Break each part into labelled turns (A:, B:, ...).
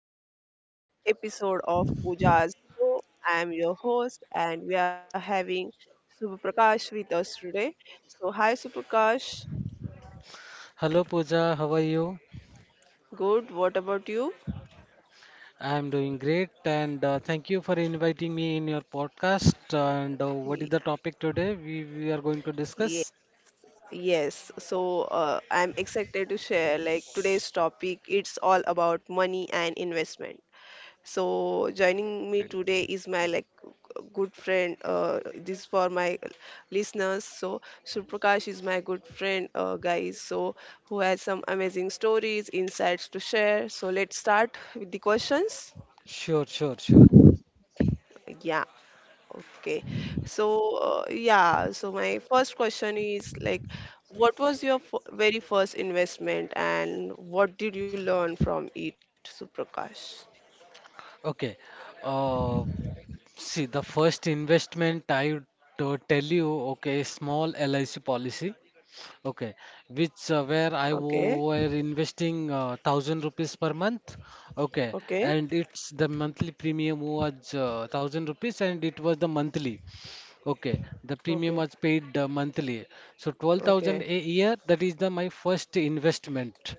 A: the today's episode of Pooja's Show. I am your host, and we are having Suprakash with us today. So, hi, Suprakash.
B: Hello Pooja, how are you?
A: Good. What about you?
B: I am doing great and thank you for inviting me in your podcast. And what is
A: Y-
B: the topic today we are going to
A: ye-
B: discuss?
A: Yes. So, I'm excited to share like today's topic. It's all about money and investment. So joining me today is my like good friend. This for my listeners. So Surprakash is my good friend, guys. So who has some amazing stories, insights to share. So let's start with the questions.
B: Sure, sure, sure.
A: Yeah. Okay. So yeah. So my first question is like, what was your very first investment, and what did you learn from it, Surprakash?
B: Okay. Uh, See, the first investment I would tell you, okay, small LIC policy, okay, which where I
A: Okay.
B: wo- were investing thousand rupees per month, okay,
A: Okay.
B: and it's the monthly premium was thousand rupees and it was the monthly. Okay, the premium
A: Okay.
B: was paid monthly. So 12,000
A: Okay.
B: a year, that is the my first investment.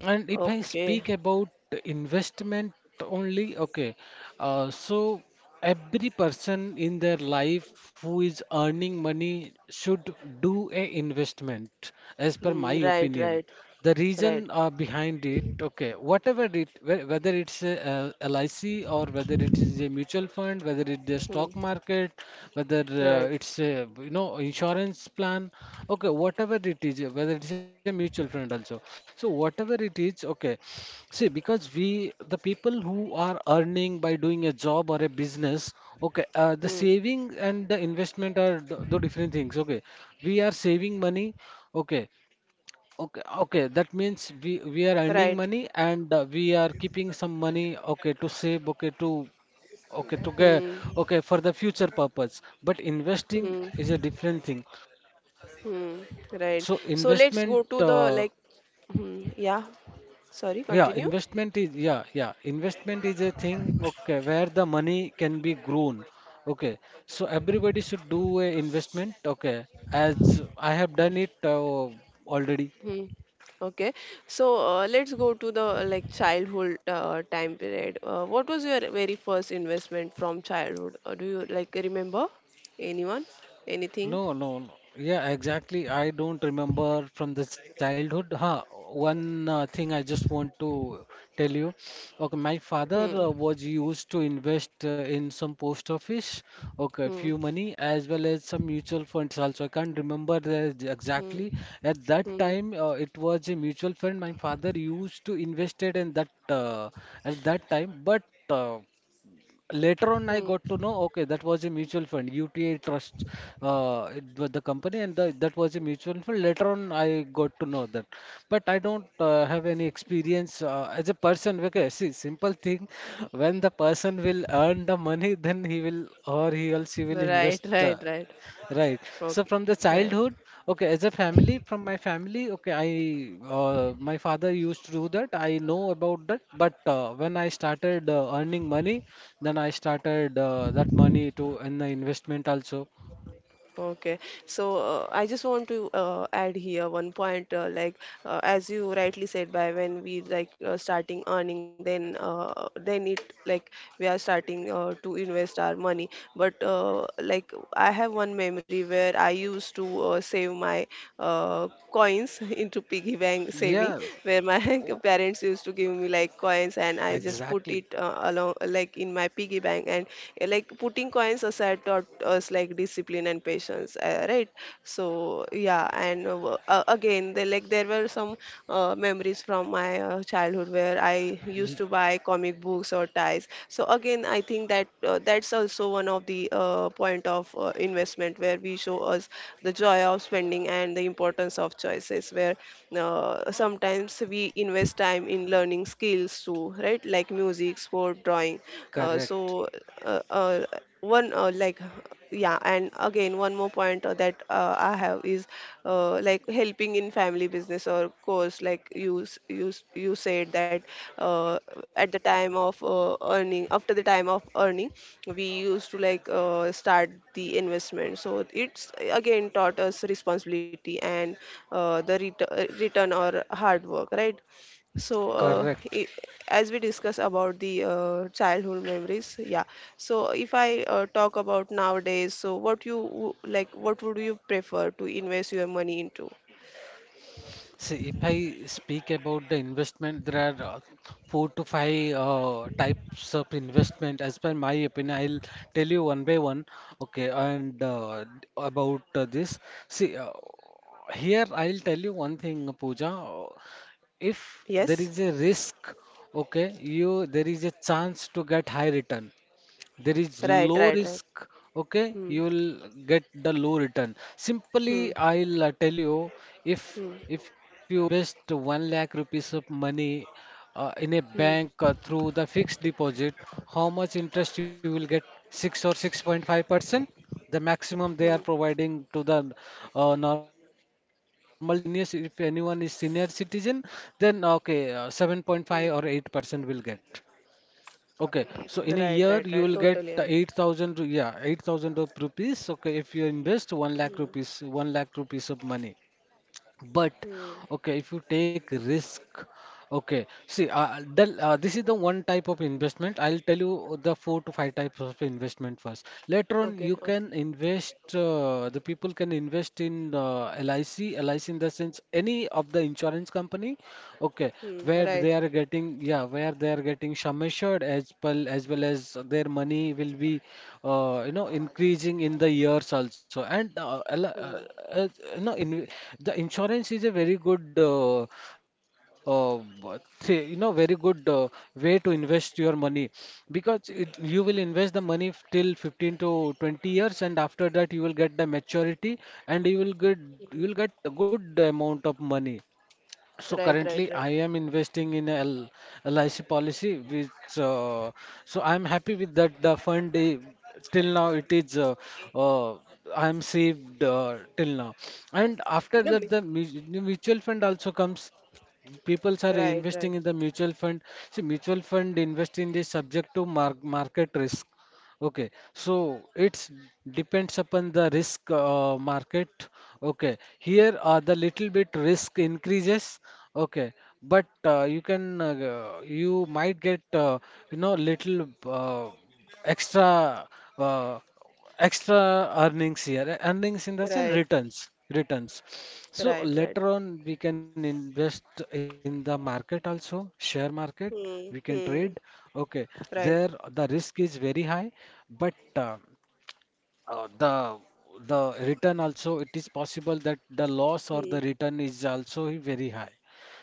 B: And if I
A: Okay.
B: speak about investment only, okay, so every person in their life who is earning money should do a investment, as per my
A: Mm, right,
B: opinion.
A: right,
B: The
A: right.
B: reason behind it, okay, whatever whether it's a, LIC, or whether it is a mutual fund, whether it's a stock
A: Mm,
B: market, whether
A: right.
B: it's a, you know, insurance plan, okay, whatever it is, whether it's a mutual fund also, so whatever it is, okay. See, because we, the people who are earning by doing a job or a business, okay, the
A: Mm,
B: saving and the investment are the different things, okay. We are saving money, okay. Okay, okay. That means we are earning
A: right.
B: money and we are keeping some money, okay, to save, okay, to okay, to get,
A: Mm,
B: okay, for the future purpose. But investing is a
A: mm,
B: different thing.
A: mm,
B: So
A: right. So
B: investment,
A: let's go to the like. Mm, yeah. Sorry.
B: yeah,
A: Continue.
B: investment is, yeah, yeah. Investment is a thing, okay, where the money can be grown. Okay, so everybody should do a investment, okay, as I have done it already.
A: Hmm. Okay. So let's go to the like childhood time period. What was your very first investment from childhood? Do you like remember? Anyone? Anything?
B: No, no, no. Yeah, exactly. I don't remember from the childhood. Huh. One thing I just want to tell you. Okay, my
A: Hmm.
B: father was used to invest in some post office, okay,
A: Hmm.
B: few money as well as some mutual funds also. I can't remember the
A: Hmm.
B: exactly. At that
A: Hmm.
B: time, it was a mutual fund my father used to invest it in that, at that time, but uh, later on I
A: Hmm.
B: got to know, okay, that was a mutual fund, UTA Trust, it was the company, and the, that was a mutual fund. Later on, I got to know that, but I don't have any experience as a person. Okay, see, simple thing, when the person will earn the money, then he will, or he or she will
A: Right.
B: invest.
A: Right. Right.
B: Right. So
A: Okay.
B: from the
A: Right.
B: childhood, okay, as a family, from my family, okay, I my father used to do that. I know about that, but when I started earning money, then I started that money to in the investment also.
A: Okay. So I just want to add here one point. Like as you rightly said, by when we like starting earning, then it like we are starting to invest our money. But like I have one memory where I used to save my coins into piggy bank saving,
B: Yes.
A: where my
B: Oh,
A: parents used to give me like coins, and I just
B: exactly.
A: put it along like in my piggy bank and like putting Getting coins also had taught us like discipline and patience, right? So yeah, and again, they, like there were some memories from my childhood where I
B: Ye-
A: used to buy comic books or ties. So again, I think that that's also one of the point of investment where we show us the joy of spending and the importance of choices. Where sometimes we invest time in learning skills too, right? Like music physics, for drawing. Uh,
B: Correct.
A: so uh, uh, one like yeah, and again one more point that I have is like helping in family business or course. Like you said that uh, at the time of earning after the time of earning, we used to like start the investment. So it's again taught us responsibility and the return or hard work, right? So
B: Correct.
A: as we discuss about the childhood memories, yeah. So if I talk about nowadays, so what like what would you prefer to invest your money into?
B: See, if I speak about the investment, there are four to five types of investment. As per my opinion, I'll tell you one by one. Okay, and about this, see, here I'll tell you one thing, Pooja. If there
A: Yes.
B: is a risk, okay, you there is a chance to get high return, there is
A: Right,
B: low
A: right, right.
B: risk, okay,
A: Hmm.
B: you will get the low return.
A: Hmm.
B: Simply I'll tell you, if
A: Hmm.
B: if you invest 1 lakh rupees of money in a
A: Hmm.
B: bank through the fixed deposit, how much interest you will get? 6 or 6.5%, the
A: Hmm.
B: maximum they are providing to the normal citizens. If you are a senior if anyone is senior citizen, then okay,
A: Hmm.
B: 7.5 or 8% will get. Okay, so in a
A: Right,
B: year
A: right, right,
B: you will get
A: totally
B: the
A: agree.
B: 8,000, yeah, 8,000 of rupees. Okay, if you invest 1 lakh
A: Hmm.
B: rupees, 1 lakh rupees of money. But
A: Hmm.
B: okay, if you take risk, okay, see, this is the one type of investment. I'll tell you the four to five types of investment first. Later on,
A: Okay,
B: you
A: okay.
B: can invest, the people can invest in LIC, LIC in the sense any of the insurance company, okay,
A: Hmm.
B: where
A: Right.
B: they are getting, yeah, where they are getting sum assured as well as their money will be, you know, increasing in the years also, and
A: Hmm.
B: uh, you know, in the insurance is a very good, uh, you know, very good way to invest your money. Because it, you will invest the money till 15 to 20 years, and after that you will get the maturity, and
A: Hmm.
B: you will get a good amount of money. So
A: Right, right,
B: currently,
A: right.
B: I am investing in a LIC policy, which uh, so I'm happy with that. The till now it is, uh, I'm saved till now, and after
A: You know
B: that
A: me.
B: the mutual fund also comes. People are
A: Right,
B: investing
A: right,
B: in the mutual fund. See, mutual fund investing is subject to market risk. Okay, so it's depends upon the risk market. Okay, here the little bit risk increases. Okay, but you might get, you know, little, extra uh, extra earnings here. Earnings in the sense
A: right,
B: returns, So
A: right, right.
B: later on, we can invest in the market also, share market, we
A: Hmm.
B: can trade.
A: Hmm.
B: Okay, there
A: Right.
B: the risk is very high, but the return also, it is possible that the loss or
A: Hmm.
B: the return is also very high.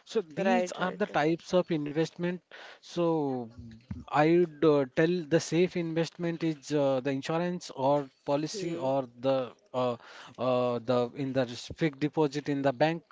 B: So
A: Right,
B: these are
A: right,
B: the
A: right.
B: types of investment. So I would tell the safe investment is the insurance or policy
A: Hmm.
B: or uh, the in the fixed deposit in the bank.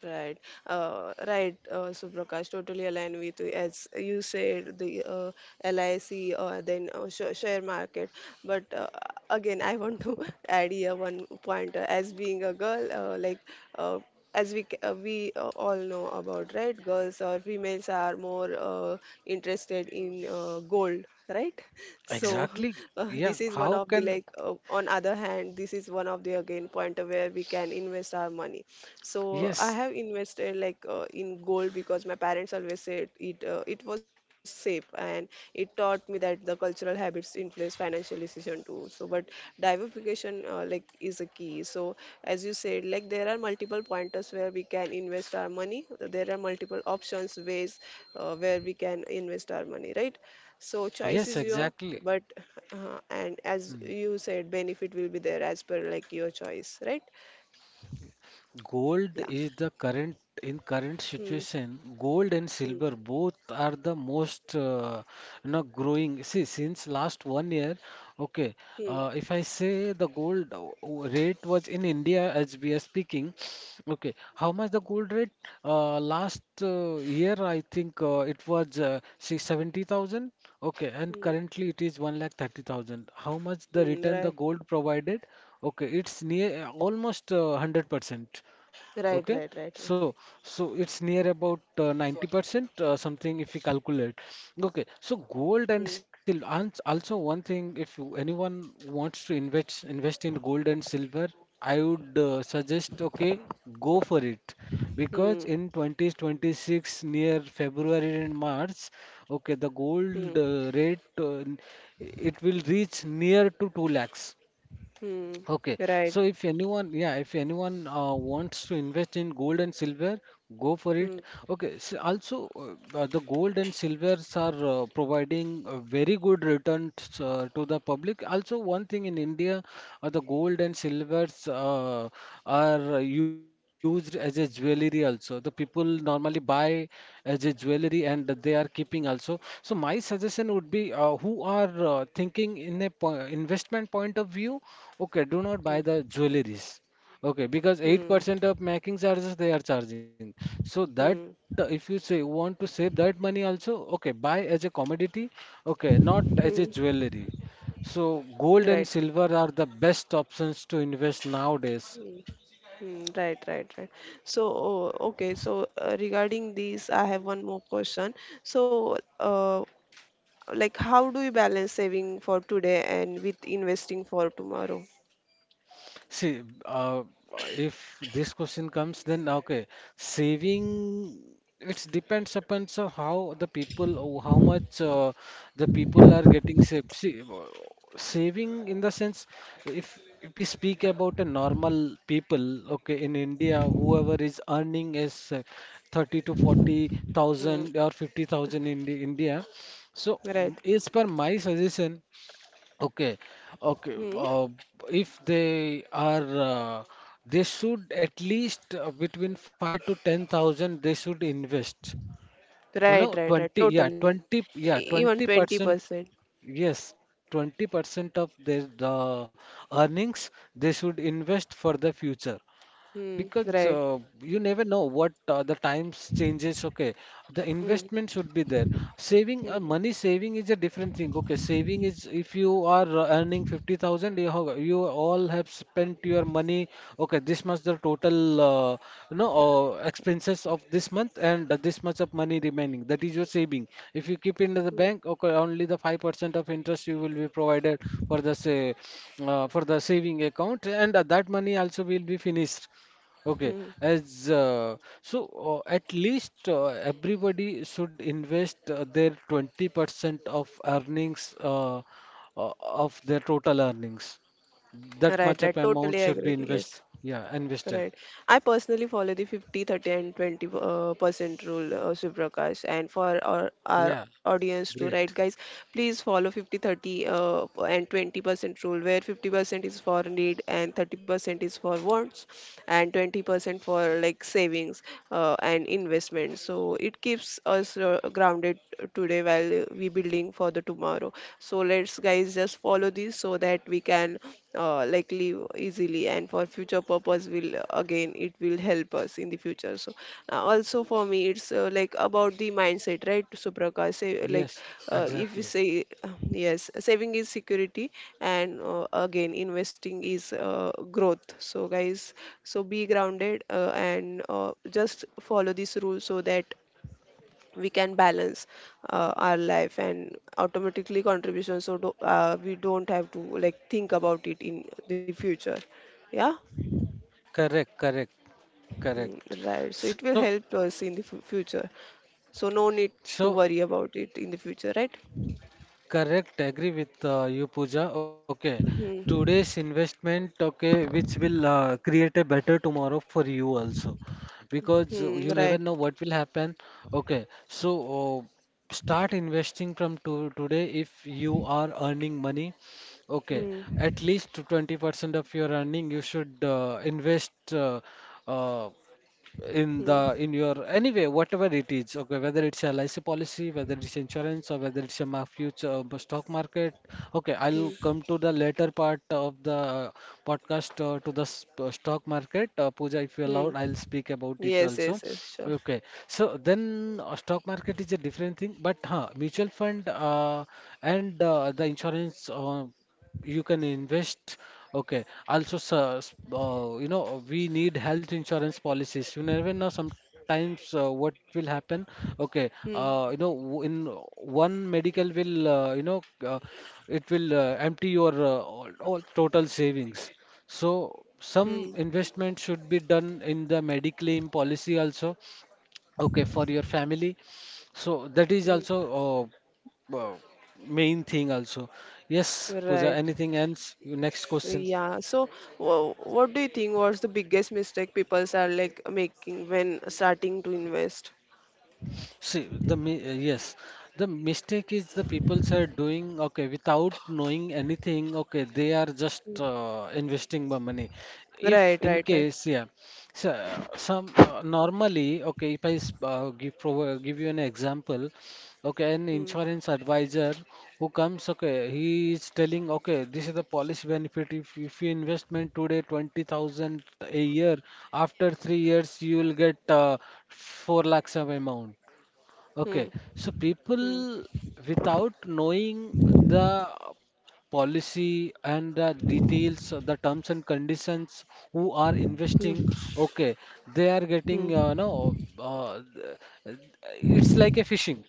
A: Right, right, Suprakash, totally aligned with you. As you said, the LIC, then sh share market. But again, I want to add here one point. As being a girl, like uh, we all know about, right? Girls or females are more interested in gold, right? So
B: Exactly. Yeah.
A: this is one
B: How
A: of the
B: can?
A: like on other hand, this is one of the again point where we can invest our money. So I
B: Yes.
A: have invested like in gold because my parents always said it it was safe and it taught me that the cultural habits influence financial decision too. So but diversification like is a key. So as you said, like there are multiple pointers where we can invest our money. There are multiple options ways where we can invest our money, right? So choice
B: Yes.
A: is your,
B: Exactly.
A: but and as
B: Hmm.
A: you said, benefit will be there as per like your choice, right?
B: Gold
A: Yeah.
B: is the current in current
A: Hmm.
B: situation. Gold and
A: Hmm.
B: silver both are the most, you know, growing. See, since last 1 year, okay.
A: Hmm.
B: If I say the gold rate was in India as we are speaking. Okay, how much the gold rate? Last year, I think it was 6,70,000. Okay, and
A: Hmm.
B: currently it is 1 lakh 30,000. How much the
A: Hmm.
B: return the
A: Right.
B: gold provided? Okay, it's near almost 100%.
A: Right.
B: Okay,
A: Right. Right. Right.
B: so so it's near about 90% something if we calculate. Okay, so
A: Hmm.
B: gold and silver. And also one thing, if anyone wants to invest in gold and silver, I would suggest, okay, go for it. Because
A: Hmm.
B: in 2026 near February and March, okay, the
A: Hmm.
B: gold rate it will reach near to 2 lakhs.
A: Hmm.
B: Okay, so
A: Right.
B: if anyone, yeah, if anyone wants to invest in gold and silver, go for it.
A: Hmm.
B: Okay, s also, the gold and silvers are providing very good returns to the public. Also, one thing in India, the gold and silvers are used as a jewelry also. The people normally buy as a jewelry and they are keeping also. So my suggestion would be, who are thinking in a po investment point of view. Okay, do not buy
A: Hmm.
B: the jewelries. Okay, because
A: Hmm.
B: 8% of making charges they are charging. So that,
A: Hmm.
B: if you say want to save that money also, okay, buy as a commodity, okay, not as a
A: Hmm.
B: jewelry. So gold
A: Right.
B: and silver are the best options to invest nowadays.
A: Hmm. Hmm. Right, right, right. So oh, okay. So regarding these, I have one more question. So like how do you balance saving for today and with investing for tomorrow?
B: See, if this question comes, then okay, saving, it depends upon, so how the people, how much the people are getting saved. See, saving in the sense, if we speak about a normal people, okay, in India, whoever is earning is 30 to 40
A: Hmm.
B: thousand or 50,000 in the India. So,
A: Right.
B: as per my suggestion. Okay, okay.
A: Hmm.
B: If they are, uh, they should at least, between five to ten thousand, they should invest. You
A: Right,
B: know,
A: right, right,
B: 20. Yeah,
A: totally.
B: 20.
A: E-
B: Yeah,
A: even
B: 20%.
A: 20%.
B: Yes, 20% of their the earnings they should invest for the future.
A: Hmm.
B: Because
A: Right.
B: you never know what, the times changes, okay, the
A: Hmm.
B: investment should be there. Saving,
A: Hmm.
B: money saving is a different thing, okay. Saving is, if you are earning 50,000, you all have spent your money, okay, this much the total, you know, expenses of this month, and this much of money remaining. That is your saving. If you keep in the
A: Hmm.
B: bank, okay, only the 5% of interest you will be provided for the say for the saving account, and that money also will be finished. Okay,
A: Hmm.
B: as so at least everybody should invest their 20% of earnings, of their total earnings. That
A: Right,
B: much of
A: right,
B: amount
A: totally
B: should be
A: agree.
B: invest,
A: Yes.
B: yeah, invested.
A: Right. I personally follow the 50, 30, and 20 percent rule, Suprakash. And for
B: Yeah,
A: our audience too,
B: great.
A: right, guys, please follow 50, 30, and 20% rule, where 50% is for need and 30% is for wants, and 20% for like savings and investment. So it keeps us grounded today while we building for the tomorrow. So let's, guys, just follow this so that we can like live easily and for future purpose will again it will help us in the future. So also for me it's like about the mindset, right? So, Suprakash say like
B: Yes,
A: if we
B: exactly.
A: say yes, saving is security and again investing is growth. So guys, so be grounded and just follow this rule so that we can balance our life and automatically contribution so do, we don't have to like think about it in the future, yeah.
B: Correct, correct,
A: Mm,
B: correct.
A: right, so it
B: So,
A: will help us in the future, so no need to
B: so,
A: worry about it in the future, right.
B: correct. Agree with you, Pooja. Okay,
A: Hmm.
B: today's investment, okay, which will create a better tomorrow for you also, because
A: Hmm,
B: you
A: right.
B: never know what will happen. Okay, so start investing from to today if you are earning money. Okay,
A: Hmm.
B: at least 20% of your earning you should invest. Uh, in the
A: Hmm.
B: in your anyway whatever it is, okay, whether it's a LIC policy, whether it's insurance, or whether it's a future stock market. Okay, I'll
A: Hmm.
B: come to the later part of the podcast, to the stock market. Pooja, if you
A: Hmm.
B: allowed, I'll speak about it
A: Yes,
B: also.
A: yes, yes, sure.
B: Okay, so then, stock market is a different thing, but mutual fund and the insurance, you can invest. Okay, also sir, you know, we need health insurance policies. You never know sometimes what will happen. Okay, you know,
A: Hmm.
B: in one medical will, it will empty your all total savings. So
A: Hmm.
B: some investment should be done in the mediclaim policy also, okay, for your family. So that is also
A: Hmm.
B: uh, uh, main thing also. Yes Pooja,
A: Right.
B: anything else, your next question?
A: Yeah, so what do you think was the biggest mistake people are like making when starting to invest?
B: See, yes, the mistake is the people are doing, okay, without knowing anything. Okay, they are just
A: Hmm.
B: investing the money. If
A: Right,
B: in
A: right, right.
B: case, yeah, so some normally, okay, if I give you an example, okay, an
A: Hmm.
B: insurance advisor who comes, okay, he is telling, okay, this is the policy benefit. If you investment today 20,000 a year, after 3 years you will get 4 lakhs of amount. Okay,
A: Hmm.
B: so
A: Hmm.
B: people without knowing the policy and the details, the terms and conditions, who are
A: Hmm.
B: investing, okay, they are
A: Hmm.
B: getting, no, th- it's like a fishing.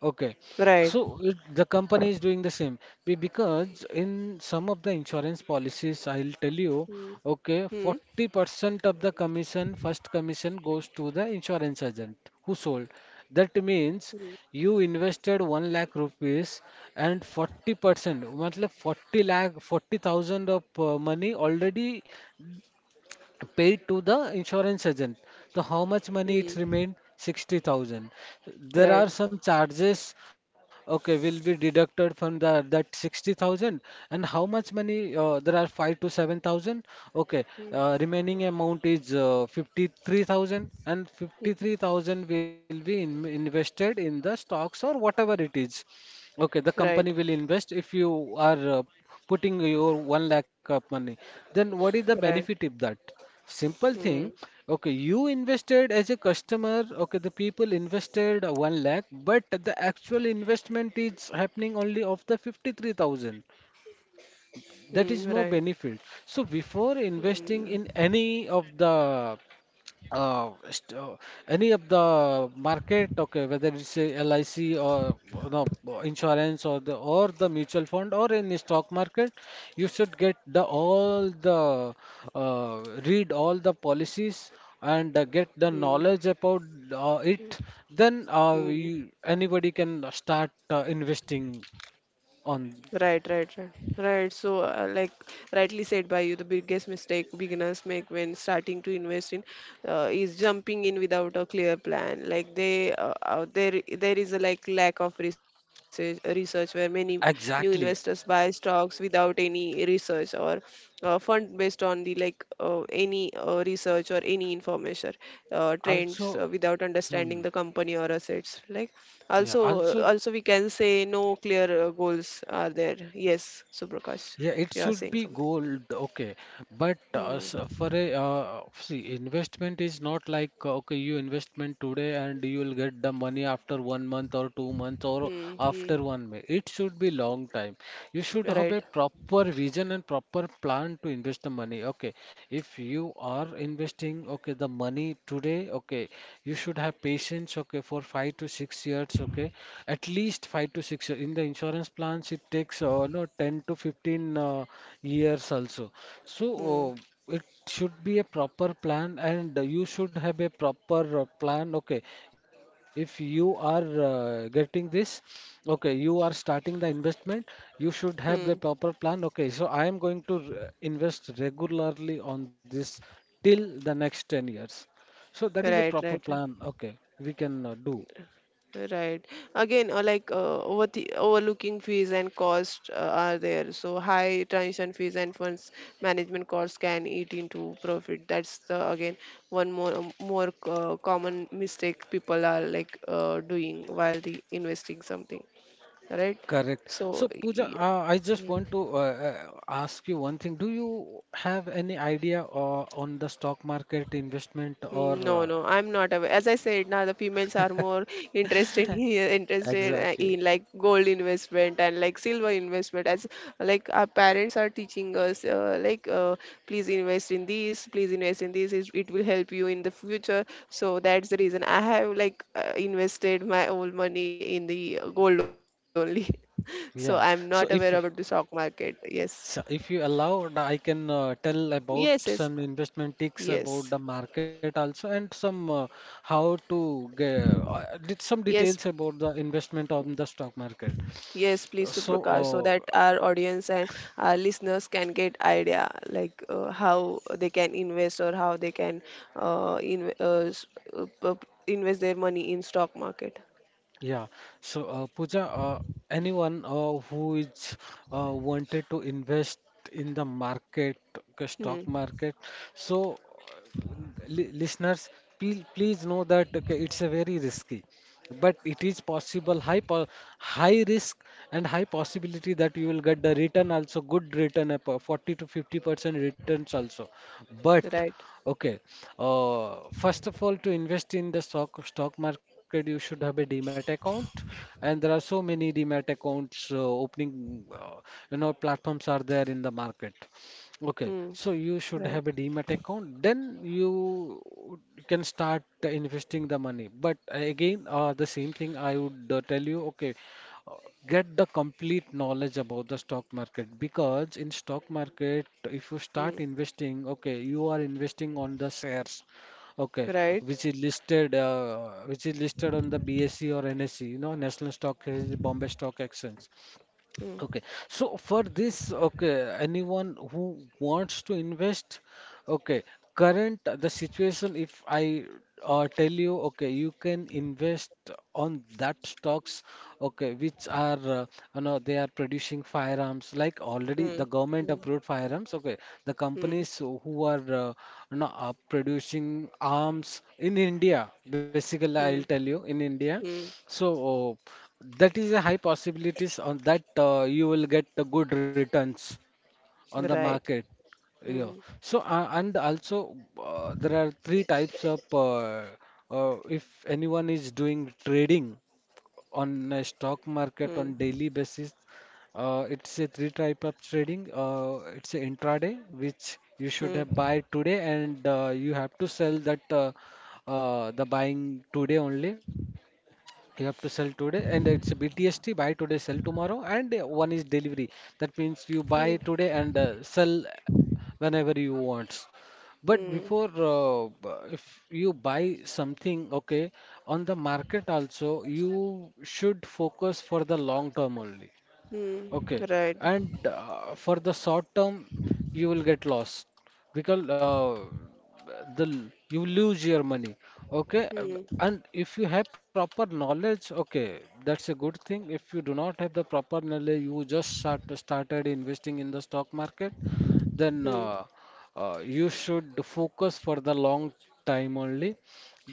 B: Okay,
A: Right.
B: so it, the company is doing the same. Because in some of the insurance policies, I'll tell you,
A: Hmm.
B: okay,
A: Hmm.
B: 40% of the commission, first commission goes to the insurance agent who sold. That means
A: Hmm.
B: you invested 1 lakh rupees and 40%, मतलब 40 lakh, 40,000 of money already paid to the insurance agent. So how much money it
A: Hmm.
B: remained? 60,000. There are
A: Right.
B: some charges, okay, will be deducted from the that 60,000. And how much money? There are 5 to 7,000. Okay, remaining amount is 53,000, and 53,000 will be invested in the stocks or whatever it is. Okay, the company
A: Right.
B: will invest if you are putting your 1 lakh of money. Then what is the
A: Right.
B: benefit of that? Simple
A: Hmm.
B: thing. Okay, you invested as a customer. Okay, the people invested 1 lakh, but the actual investment is happening only of the 53,000.
A: Hmm.
B: That is
A: Right.
B: no benefit. So before
A: Hmm.
B: investing in any of the uh, st- uh, any of the market, okay, whether it's a LIC or you know, insurance or the mutual fund or in the stock market, you should get the all the uh, read all the policies and get the
A: Hmm. Hmm.
B: knowledge about it. Then
A: Hmm.
B: anybody can start investing on.
A: Right, right, right, right. So, like rightly said by you, the biggest mistake beginners make when starting to invest in is jumping in without a clear plan. Like they, there, there is a like lack of research, research where many new
B: Exactly.
A: investors buy stocks without any research or fund based on the like any research or any information trends
B: Also,
A: without understanding
B: hmm,
A: the company or assets like.
B: yeah.
A: Also
B: Also,
A: also we can say no clear goals are there. Yes, Suprakash,
B: yeah, it
A: you are
B: should be
A: saying something.
B: gold, okay. But
A: Hmm.
B: for a see, investment is not like okay, you investment today and you will get the money after 1 month or 2 months or
A: Hmm. Hmm.
B: after 1 month. It should be long time. You should have a
A: Right.
B: proper vision and proper plan to invest the money. Okay, if you are investing, okay, the money today, okay, you should have patience, okay, for 5 to 6 years, okay, at least 5 to 6 years. In the insurance plans it takes no 10 to 15 years also. So
A: Hmm.
B: it should be a proper plan, and you should have a proper plan, okay? If you are getting this, okay, you are starting the investment, you should have
A: Hmm.
B: a proper plan. Okay, so I am going to invest regularly on this till the next 10 years. So that is
A: Right,
B: a
A: right.
B: proper plan, okay, we can do.
A: Right. Again, like over the overlooking fees and cost are there. So high transition fees and funds management costs can eat into profit. That's the again one more more common mistake people are like doing while the investing something. Right.
B: Correct.
A: So
B: So, Pooja, I just
A: yeah.
B: want to ask you one thing. Do you have any idea on the stock market investment or
A: Mm, no, no, I'm not aware. As I said, now the females are more interested in, interested
B: exactly.
A: in like gold investment and like silver investment. As like our parents are teaching us, like please invest in these, please invest in this. It will help you in the future. So that's the reason I have like invested my old money in the gold only. So I'm not
B: Yeah.
A: aware about
B: So
A: the
B: if you-
A: stock market. Yes,
B: so if you allow, I can tell
A: yes, yes,
B: about some investment tips
A: yes,
B: about the market also and some how to get did some
A: yes.
B: details about the investment on the stock market.
A: Yes,
B: Uh,
A: please,
B: So
A: Suprakash, so
B: uh,
A: that our audience and our listeners can get idea like how they can invest or how they can uh, in, uh, s- invest their money in stock market.
B: Yeah. So, Pooja, anyone who is wanted to invest in the market, the stock
A: Hmm.
B: market, so listeners, please know that, okay, it's a very risky, but it is possible high risk and high possibility that you will get the return also, good return, 40 to 50% returns also. But
A: Right.
B: okay, first of all, to invest in the stock market, you should have a demat account, and there are so many demat accounts opening, platforms are there in the market. Okay,
A: Hmm.
B: so you should
A: Right.
B: have a demat account, then you can start investing the money. But again, the same thing I would tell you, okay, uh, get the complete knowledge about the stock market, because in stock market, if you
A: Hmm.
B: start investing, okay, you are investing on the shares, okay,
A: Right.
B: which is listed on the BSE or NSE, you know, National Stock Exchange, Bombay Stock Exchange.
A: Hmm.
B: Okay, so for this, okay, anyone who wants to invest, okay, current the situation, if I tell you, okay, you can invest on that stocks, okay, which are, they are producing firearms, like already
A: Hmm.
B: the government
A: Hmm.
B: approved firearms, okay, the
A: Hmm.
B: companies who are, are producing arms in India, basically, I'll
A: Hmm.
B: tell you, in India.
A: Hmm.
B: So that is a high possibilities on that you will get the good returns on the
A: Right.
B: market. Yeah.
A: Hmm.
B: So and also there are three types of if anyone is doing trading on a stock
A: Hmm.
B: market on daily basis, it's a three type of trading. It's a intraday, which you should
A: Hmm.
B: have buy today, and you have to sell that, the buying today only. You have to sell today, and it's a BTST. Buy today, sell tomorrow, and one is delivery. That means you buy
A: Hmm.
B: today and sell whenever you want. But
A: Hmm.
B: before, if you buy something, okay, on the market also, you should focus for the long term only.
A: Hmm.
B: Okay,
A: Right.
B: and for the short term, you will get lost because you lose your money. Okay,
A: Hmm.
B: and if you have proper knowledge, okay, that's a good thing. If you do not have the proper knowledge, you just started investing in the stock market, then
A: Hmm,
B: you should focus for the long time only.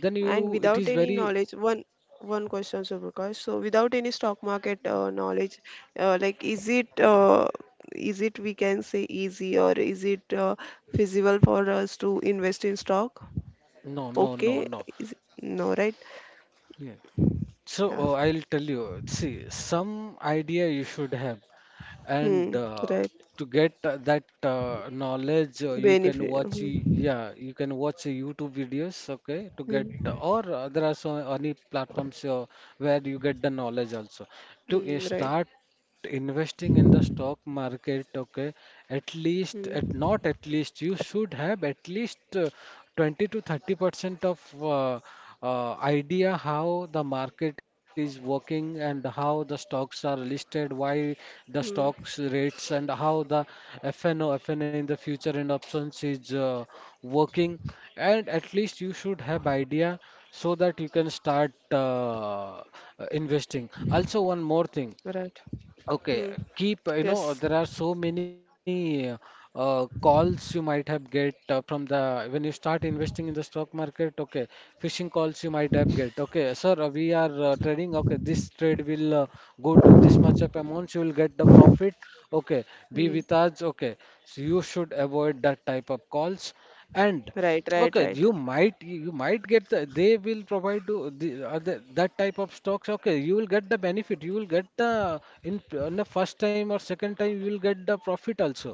B: Then you
A: and
B: it
A: without
B: is
A: any
B: very.
A: knowledge, one one question, Suprakash. So without any stock market knowledge, like is it we can say easy or is it feasible for us to invest in stock?
B: No, no,
A: Okay,
B: no, no.
A: is it, no, right?
B: Yeah. So
A: Yeah.
B: I'll tell you, see, some idea you should have, and
A: Hmm, right.
B: to get that knowledge, you can
A: Benefit.
B: watch,
A: Hmm.
B: yeah, you can watch YouTube videos, okay, to get,
A: Hmm.
B: or there are so any platforms where you get the knowledge also. To
A: Hmm. Right.
B: start investing in the stock market, okay, at least
A: Hmm.
B: at not at least you should have at least 20 to 30% of idea how the market is working, and how the stocks are listed, why the
A: Hmm.
B: stocks rates, and how the FNO FNA in the future and options is working, and at least you should have idea, so that you can start investing also. One more thing,
A: Right. Hmm.
B: okay, keep, you
A: Yes.
B: know, there are so many calls you might have get from the when you start investing in the stock market. Okay, phishing calls you might have get. Okay, sir, we are trading. Okay, this trade will go to this much of amount. You will get the profit. Okay, be with
A: Hmm.
B: us. Okay, so you should avoid that type of calls. And
A: Right, right,
B: okay,
A: right,
B: you might get the, they will provide to the that type of stocks. Okay, you will get the benefit. You will get the in the first time or second time you will get the profit also.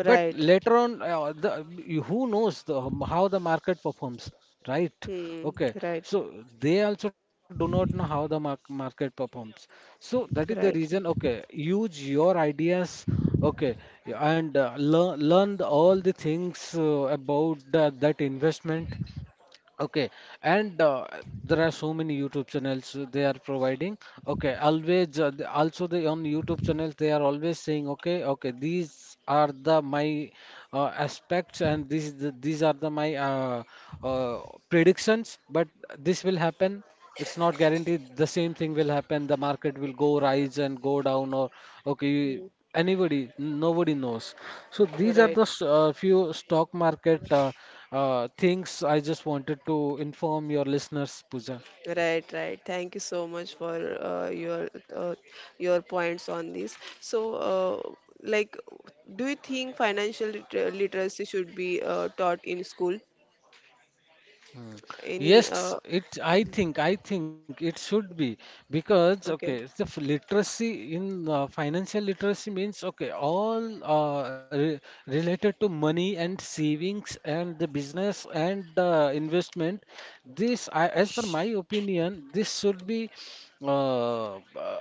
B: But later on, who knows the, how the market performs, right?
A: Hmm.
B: Okay,
A: Right,
B: so they also do not know how the market performs. So that is the
A: right.
B: reason. Okay, use your ideas. Okay, and uh, learn all the things about the, that investment. Okay, and there are so many YouTube channels they are providing. Okay, always also they on YouTube channels they are always saying, okay, okay, these are the my aspects, and these are the my uh, predictions. But this will happen, it's not guaranteed the same thing will happen. The market will go rise and go down or okay,
A: Hmm.
B: anybody nobody knows. So these are the
A: Right.
B: few stock market things I just wanted to inform your listeners, Pooja.
A: Right, right. Thank you so much for uh, your points on this. So, like, do you think financial literacy should be taught in school? Any?
B: Yes, it. I think. I think it should be, because okay, it's
A: Okay.
B: the literacy in financial literacy means okay, all re related to money and savings and the business and investment. This, I, as per my opinion, this should be uh, uh,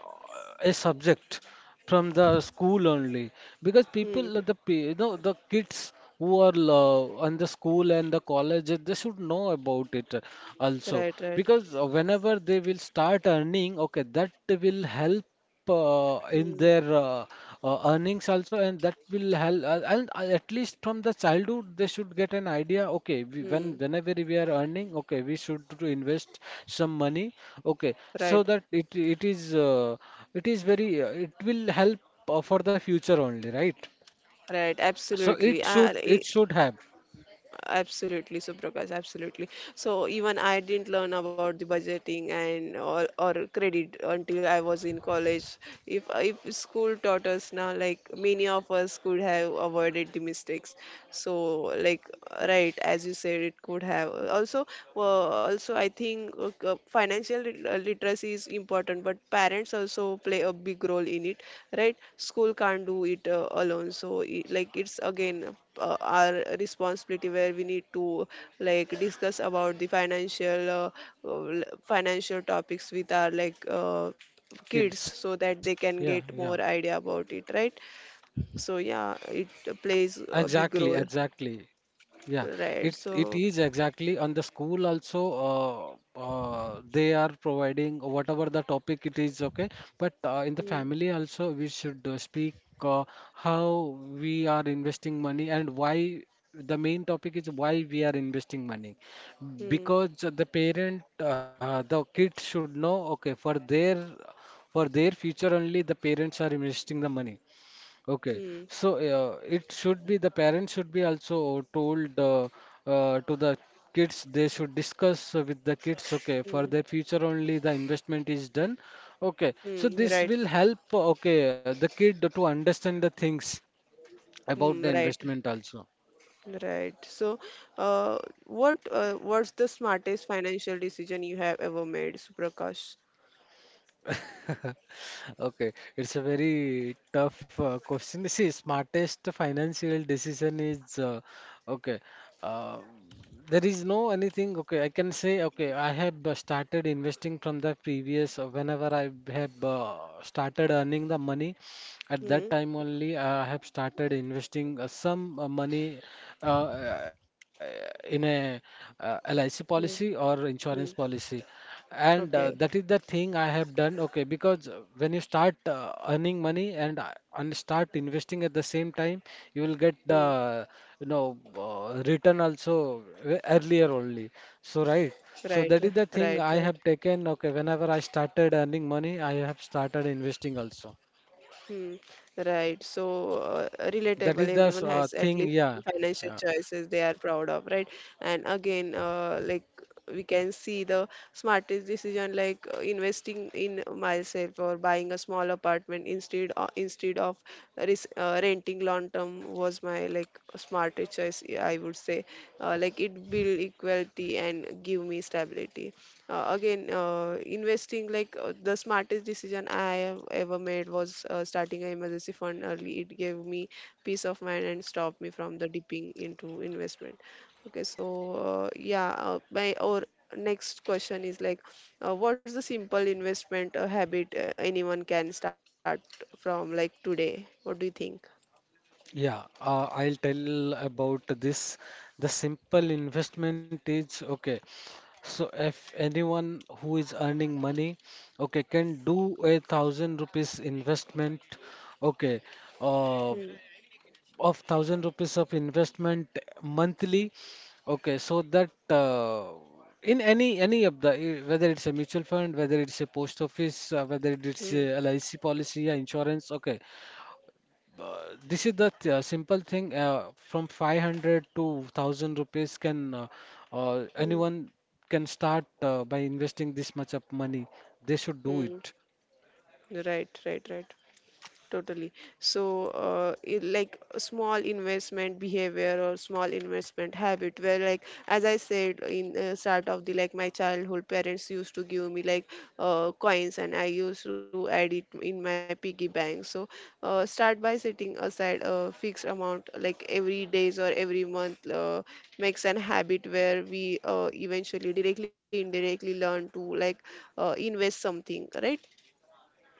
B: a subject from the school only, because
A: Hmm.
B: people the you know the kids who are on the school and the college they should know about it also,
A: Right, right.
B: because whenever they will start earning okay, that will help in
A: Hmm.
B: their earnings also, and that will help and at least from the childhood they should get an idea okay, we, when
A: Hmm.
B: whenever we are earning okay, we should to invest some money, okay, so
A: Right,
B: that it is it is very, it will help for the future only, right?
A: right.
B: So
A: Absolutely.
B: it should have
A: Absolutely, Suprakash, absolutely. So even I didn't learn about the budgeting and or credit until I was in college. If school taught us now, like many of us could have avoided the mistakes. So like right, as you said, it could have also also I think financial literacy is important, but parents also play a big role in it, right? School can't do it alone, so it's again our responsibility where we need to like discuss about the financial financial topics with our kids
B: kids.
A: so that
B: Yeah,
A: they
B: yeah.
A: can get more idea about it, right? So yeah, it plays a
B: Exactly,
A: big role,
B: exactly. Yeah, it
A: right?
B: it
A: So
B: is exactly on the school also they are providing whatever the topic it is okay, but in the
A: mm,
B: family also we should speak uh, how we are investing money and why. The main topic is why we are investing money,
A: mm,
B: because the parent the kids should know okay, for their future only the parents are investing the money. Okay,
A: mm,
B: so it should be the parents should be also told to the kids. They should discuss with the kids. Okay,
A: mm,
B: for their future only the investment is done. Okay, so this
A: right.
B: will help. Okay, the kid to understand the things about the
A: Right,
B: investment also.
A: right. So uh, what's the smartest financial decision you have ever made, Suprakash?
B: Okay, it's a very tough question. See, smartest financial decision is okay. Uh, there is no anything. Okay, I can say okay. I have started investing from the previous. Whenever I have started earning the money, at that
A: Hmm.
B: time only I have started investing some money uh, in a LIC policy
A: Hmm.
B: or insurance
A: Hmm.
B: policy. And
A: Okay.
B: that is the thing I have done, okay, because when you start earning money and and start investing at the same time, you will get
A: Hmm.
B: the you know return also earlier only. So right, so
A: Right,
B: that is the thing
A: right,
B: I
A: right.
B: have taken. Okay, whenever I started earning money, I have started investing also.
A: Hmm. Right. So
B: That
A: relatable.
B: is the
A: Everyone has at least
B: thing.
A: one
B: Yeah,
A: financial
B: yeah.
A: choices they are proud of, right? And again, like we can see the smartest decision, like investing in myself or buying a small apartment instead of renting long term was my like smartest choice, I would say. Like it build equality and give me stability. Again Investing, like the smartest decision I have ever made was starting an emergency fund early. It gave me peace of mind and stopped me from the dipping into investment. Okay, so yeah my or next question is like what's the simple investment habit anyone can start from like today? What do you think?
B: Yeah, I'll tell about this. The simple investment is okay. So if anyone who is earning money, okay, can do a thousand rupees investment, okay, uh,
A: Hmm,
B: of thousand rupees of investment
A: hmm,
B: monthly, okay, so that in any of the whether it's a mutual fund, whether it's a post office, whether it's
A: hmm,
B: a LIC policy, yeah, insurance, okay, this is the simple thing from 500 to 1000 rupees can
A: hmm,
B: anyone can start by investing this much of money. They should do
A: hmm.
B: it.
A: Right, right, right. Totally. So like a small investment behavior or small investment habit where, like as I said, in start of the like my childhood, parents used to give me like coins and I used to add it in my piggy bank. So start by setting aside a fixed amount like every days or every month makes an habit where we eventually directly indirectly learn to like invest something, right?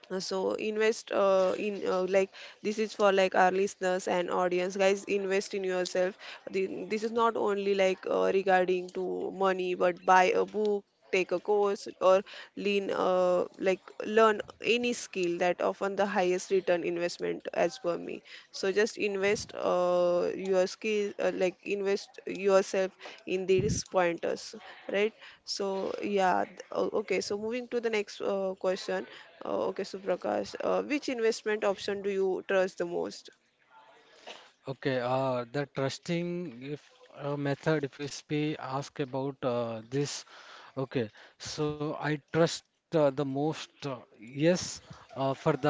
A: So invest in like, this is for like our listeners and audience, guys, invest in yourself. The- this is not only like regarding to money, but buy a book, take a course, or lean like learn any skill that often the highest return investment, as per me. So just invest your skill, like invest yourself in these pointers, right? So yeah. Okay, so moving to the next question. Okay, Suprakash, which investment option do you trust the most?
B: Okay, the trusting if method, if you speak, ask about this. Okay, so I trust the most, yes, for the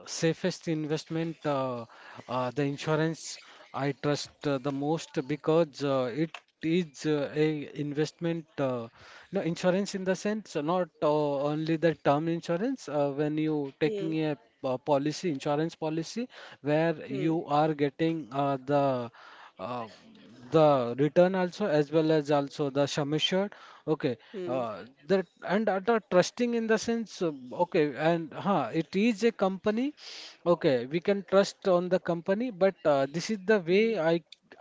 B: safest investment, the insurance I trust the most, because it is a investment, no insurance in the sense, not only the term insurance when you
A: Hmm.
B: taking a policy, insurance policy, where
A: Hmm.
B: you are getting uh, the return also, as well as also the sum assured. Okay,
A: Hmm.
B: that, and the trusting in the sense. Okay, and huh, it is a company. Okay, we can trust on the company, but this is the way
A: Hmm.
B: I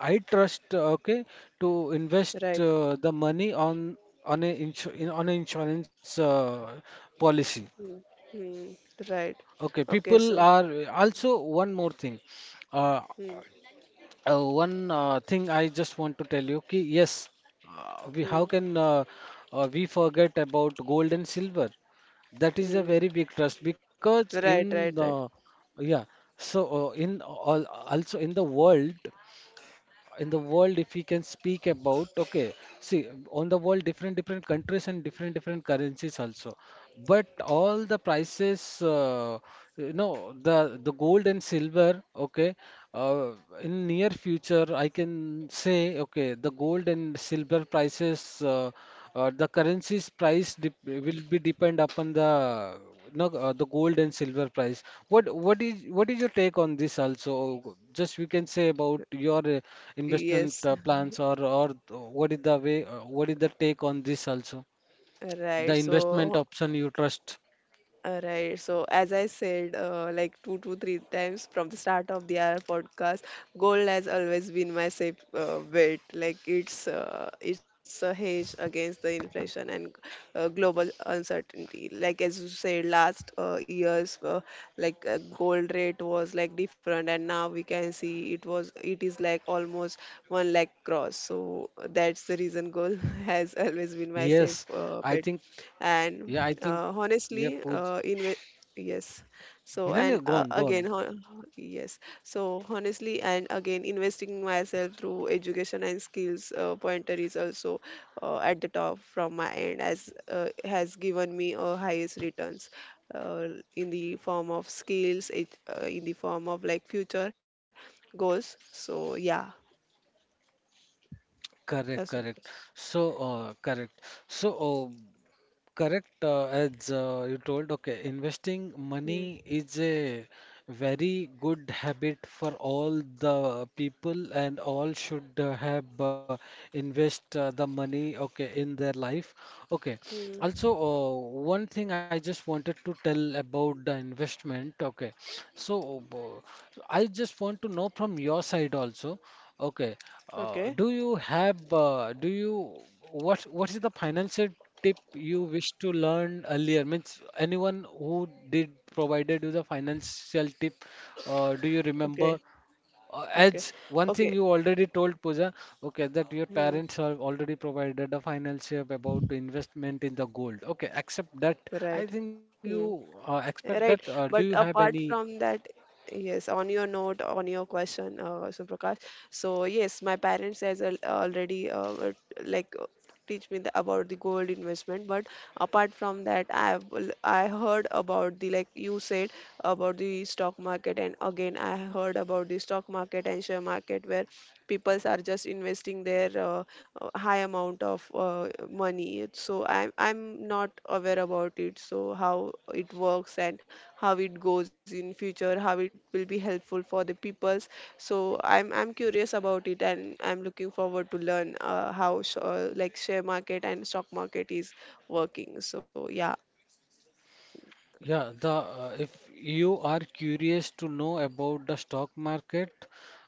B: I trust. Okay, to invest
A: Right.
B: the money on a insu in, on an insurance policy.
A: Hmm. Hmm. Right.
B: Okay,
A: Okay,
B: people
A: so
B: are also one more thing. Uh,
A: hmm,
B: one thing I just want to tell you ki yes, we how
A: hmm,
B: can we forget about gold and silver? That is a very
A: hmm.
B: big trust, because in
A: Right,
B: the
A: right, right.
B: yeah, so in all also in the world if we can speak about okay, see on the world different different countries and different different currencies also, but all the prices uh, you know the the gold and silver, okay, uh, in near future I can say okay, the gold and silver prices the currency's price dep will be depend upon the no, the gold and silver price. What is what is your take on this also? Just we can say about your investment
A: Yes.
B: plans, or what is the way what is the take on this also? The
A: Right.
B: investment
A: So
B: option you trust?
A: Right. So as I said, like two to three times from the start of the our podcast, gold has always been my safe bet. Like it's a hedge against the inflation and global uncertainty. Like as you said, last years, like gold rate was like different, and now we can see it is like almost one lakh cross. So that's the reason gold has always been my
B: Yes,
A: safe
B: I
A: bet.
B: think
A: And
B: yeah, I think yeah,
A: honestly
B: Pooj.
A: in yes. So
B: No, no,
A: and
B: gone gone.
A: yes. So honestly and again investing myself through education and skills pointer is also at the top from my end, as has given me highest returns uh, in the form of like future goals. So yeah.
B: Correct,
A: Yes.
B: correct. So correct. So correct, as you told, okay, investing
A: Hmm.
B: money is a very good habit for all the people, and all should have invest the money, okay, in their life. Okay,
A: Hmm.
B: also, one thing I just wanted to tell about the investment, okay, so I just want to know from your side also, okay,
A: Okay.
B: do you have, do you, what is the financial? Tip you wish to learn earlier? Means, anyone who did provided you the financial tip, do you remember?
A: Okay. Okay.
B: As one thing
A: Okay.
B: you already told, Pooja, okay, that your
A: Hmm.
B: parents have already provided a financial tip about investment in the gold. Okay, accept that. I
A: Right.
B: think you
A: Hmm.
B: expect that.
A: Right.
B: Do you
A: But
B: have any?
A: apart from that, yes, on your note, on your question, Suprakash. So yes, my parents has already like teach me the, about the gold investment. But apart from that, I heard about the, like you said, about the stock market, and again I heard about the stock market and share market where people are just investing their high amount of money. So I'm not aware about it, so how it works, and how it goes in future, how it will be helpful for the peoples. So I'm curious about it, and I'm looking forward to learn like share market and stock market is working. So yeah.
B: Yeah, the if you are curious to know about the stock market,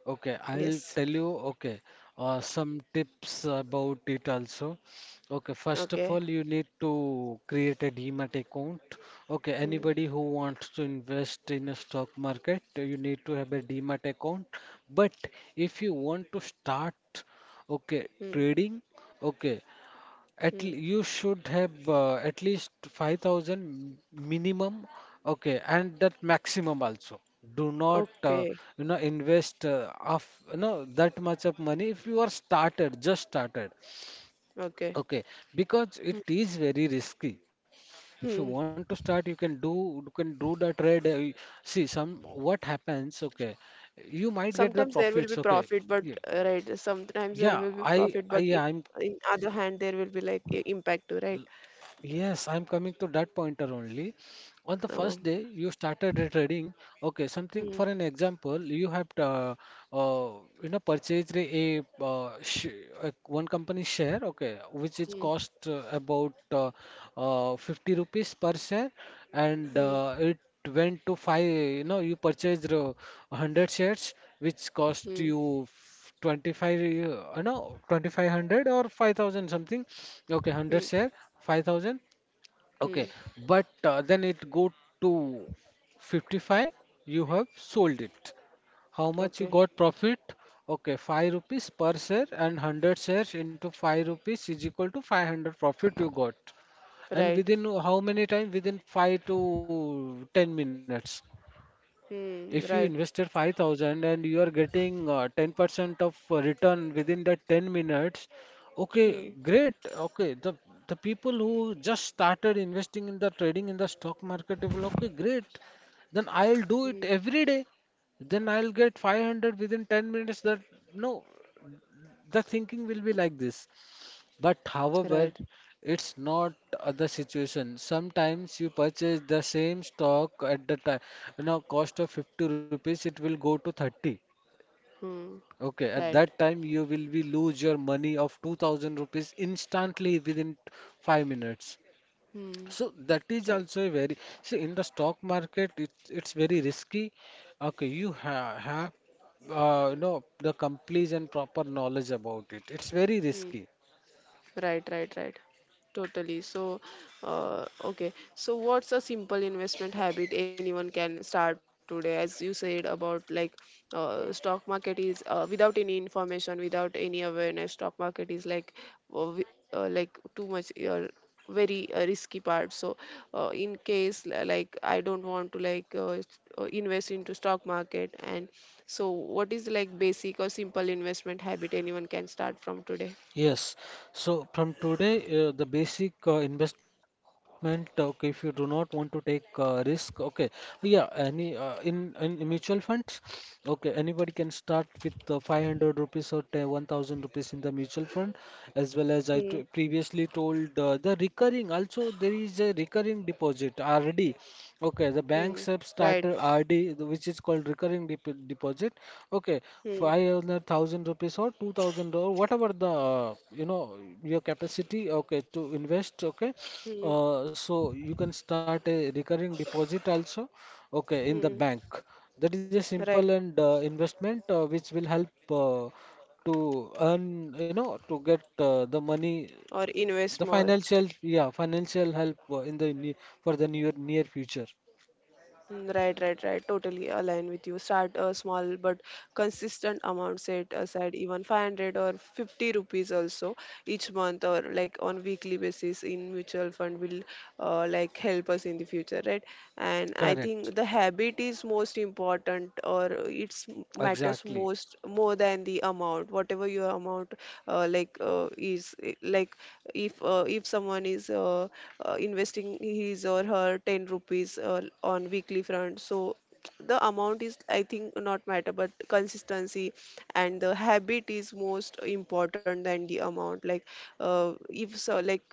B: okay, I'll
A: Yes.
B: tell you, okay, some tips about it also. Okay, first of
A: Okay.
B: all, you need to create a demat account. Okay,
A: Hmm,
B: anybody who wants to invest in a stock market, you need to have a demat account. But if you want to start, okay,
A: hmm,
B: trading, okay.
A: hmm.
B: You should have at least 5,000 minimum, okay, and that maximum also. Do not,
A: Okay.
B: you know, invest of you know that much of money if you are started, just started,
A: Okay.
B: okay, because it
A: Hmm,
B: is very risky. If you
A: hmm.
B: want to start, you can do the trade. See some what happens, okay, you might get
A: Sometimes
B: the
A: there will be
B: profits, okay.
A: profit but
B: Yeah,
A: right sometimes there
B: yeah,
A: will be profit but
B: I'm,
A: in other hand there will be like impact too, right?
B: yes, I'm coming to that pointer only. On the
A: Oh.
B: first day you started the trading, okay, something
A: Hmm,
B: for an example, you have uh, you know purchased a sh one company share, okay, which is
A: hmm,
B: cost about 50 rupees per share, and
A: hmm,
B: it went to five, you know, you purchased 100 shares, which cost
A: hmm,
B: you 25 you know 2500 or 5000 something, okay, 100
A: hmm,
B: share 5000.
A: hmm.
B: Okay, but then it go to 55. You have sold it. How much you
A: Okay.
B: got profit? Okay, 5 rupees per share, and 100 shares into 5 rupees is equal to 500 profit you got. And
A: Right.
B: within how many time? Within 5 to 10 minutes. If you
A: Hmm, right.
B: invested 5,000 and you are getting 10% of return within that 10 minutes,
A: Hmm,
B: okay, great. Okay, the people who just started investing in the trading in the stock market, they will, okay, great. Then I'll do it
A: hmm,
B: every day. Then I'll get 500 within 10 minutes. That no, the thinking will be like this. But
A: right.
B: however, it's not the situation. Sometimes you purchase the same stock at the time, you know, cost of 50 rupees, it will go to 30.
A: Hmm,
B: Okay, at
A: right.
B: that time you will be lose your money of 2000 rupees instantly within 5 minutes.
A: Hmm,
B: So that is
A: right.
B: also a very, see in the stock market it's very risky. Okay, you ha have you know the complete and proper knowledge about it. It's very
A: Hmm,
B: risky.
A: right. Right, right. Totally. So, okay. So, what's a simple investment habit anyone can start today? As you said about like stock market is without any information, without any awareness, stock market is like like too much very risky part. So, like I don't want to like invest into stock market, and so what is like basic or simple investment habit anyone can start from today?
B: Yes. So from today, the basic investment. Okay, if you do not want to take risk, okay, yeah, any in mutual funds, okay, anybody can start with 500 rupees or 10 1000 rupees in the mutual fund, as well as I t
A: Hmm.
B: previously told the recurring. Also, there is a recurring deposit RD. Okay, the banks
A: Hmm.
B: have
A: Right.
B: started RD, the- which is called recurring deposit. Okay,
A: Hmm.
B: 500,000 rupees or 2,000 or whatever the you know your capacity. Okay, to invest. Okay,
A: Hmm,
B: so you can start a recurring deposit also. Okay,
A: hmm,
B: in the bank. That is a
A: right.
B: simple and investment which will help to earn you know to get the money,
A: Or invest
B: the
A: more.
B: financial yeah financial help in the ne- for the near near future.
A: Mm, right, right, right. Totally align with you. Start a small but consistent amount set aside, even 500 or 50 rupees also each month or like on weekly basis in mutual fund will like help us in the future, right? And I think
B: Correct.
A: the habit is most important, or matters
B: Exactly.
A: most, more than the amount. Whatever your amount like, if someone is investing his or her 10 rupees on weekly front, so the amount is, I think, not matter but consistency, and the habit is most important than the amount. Like uh, if so like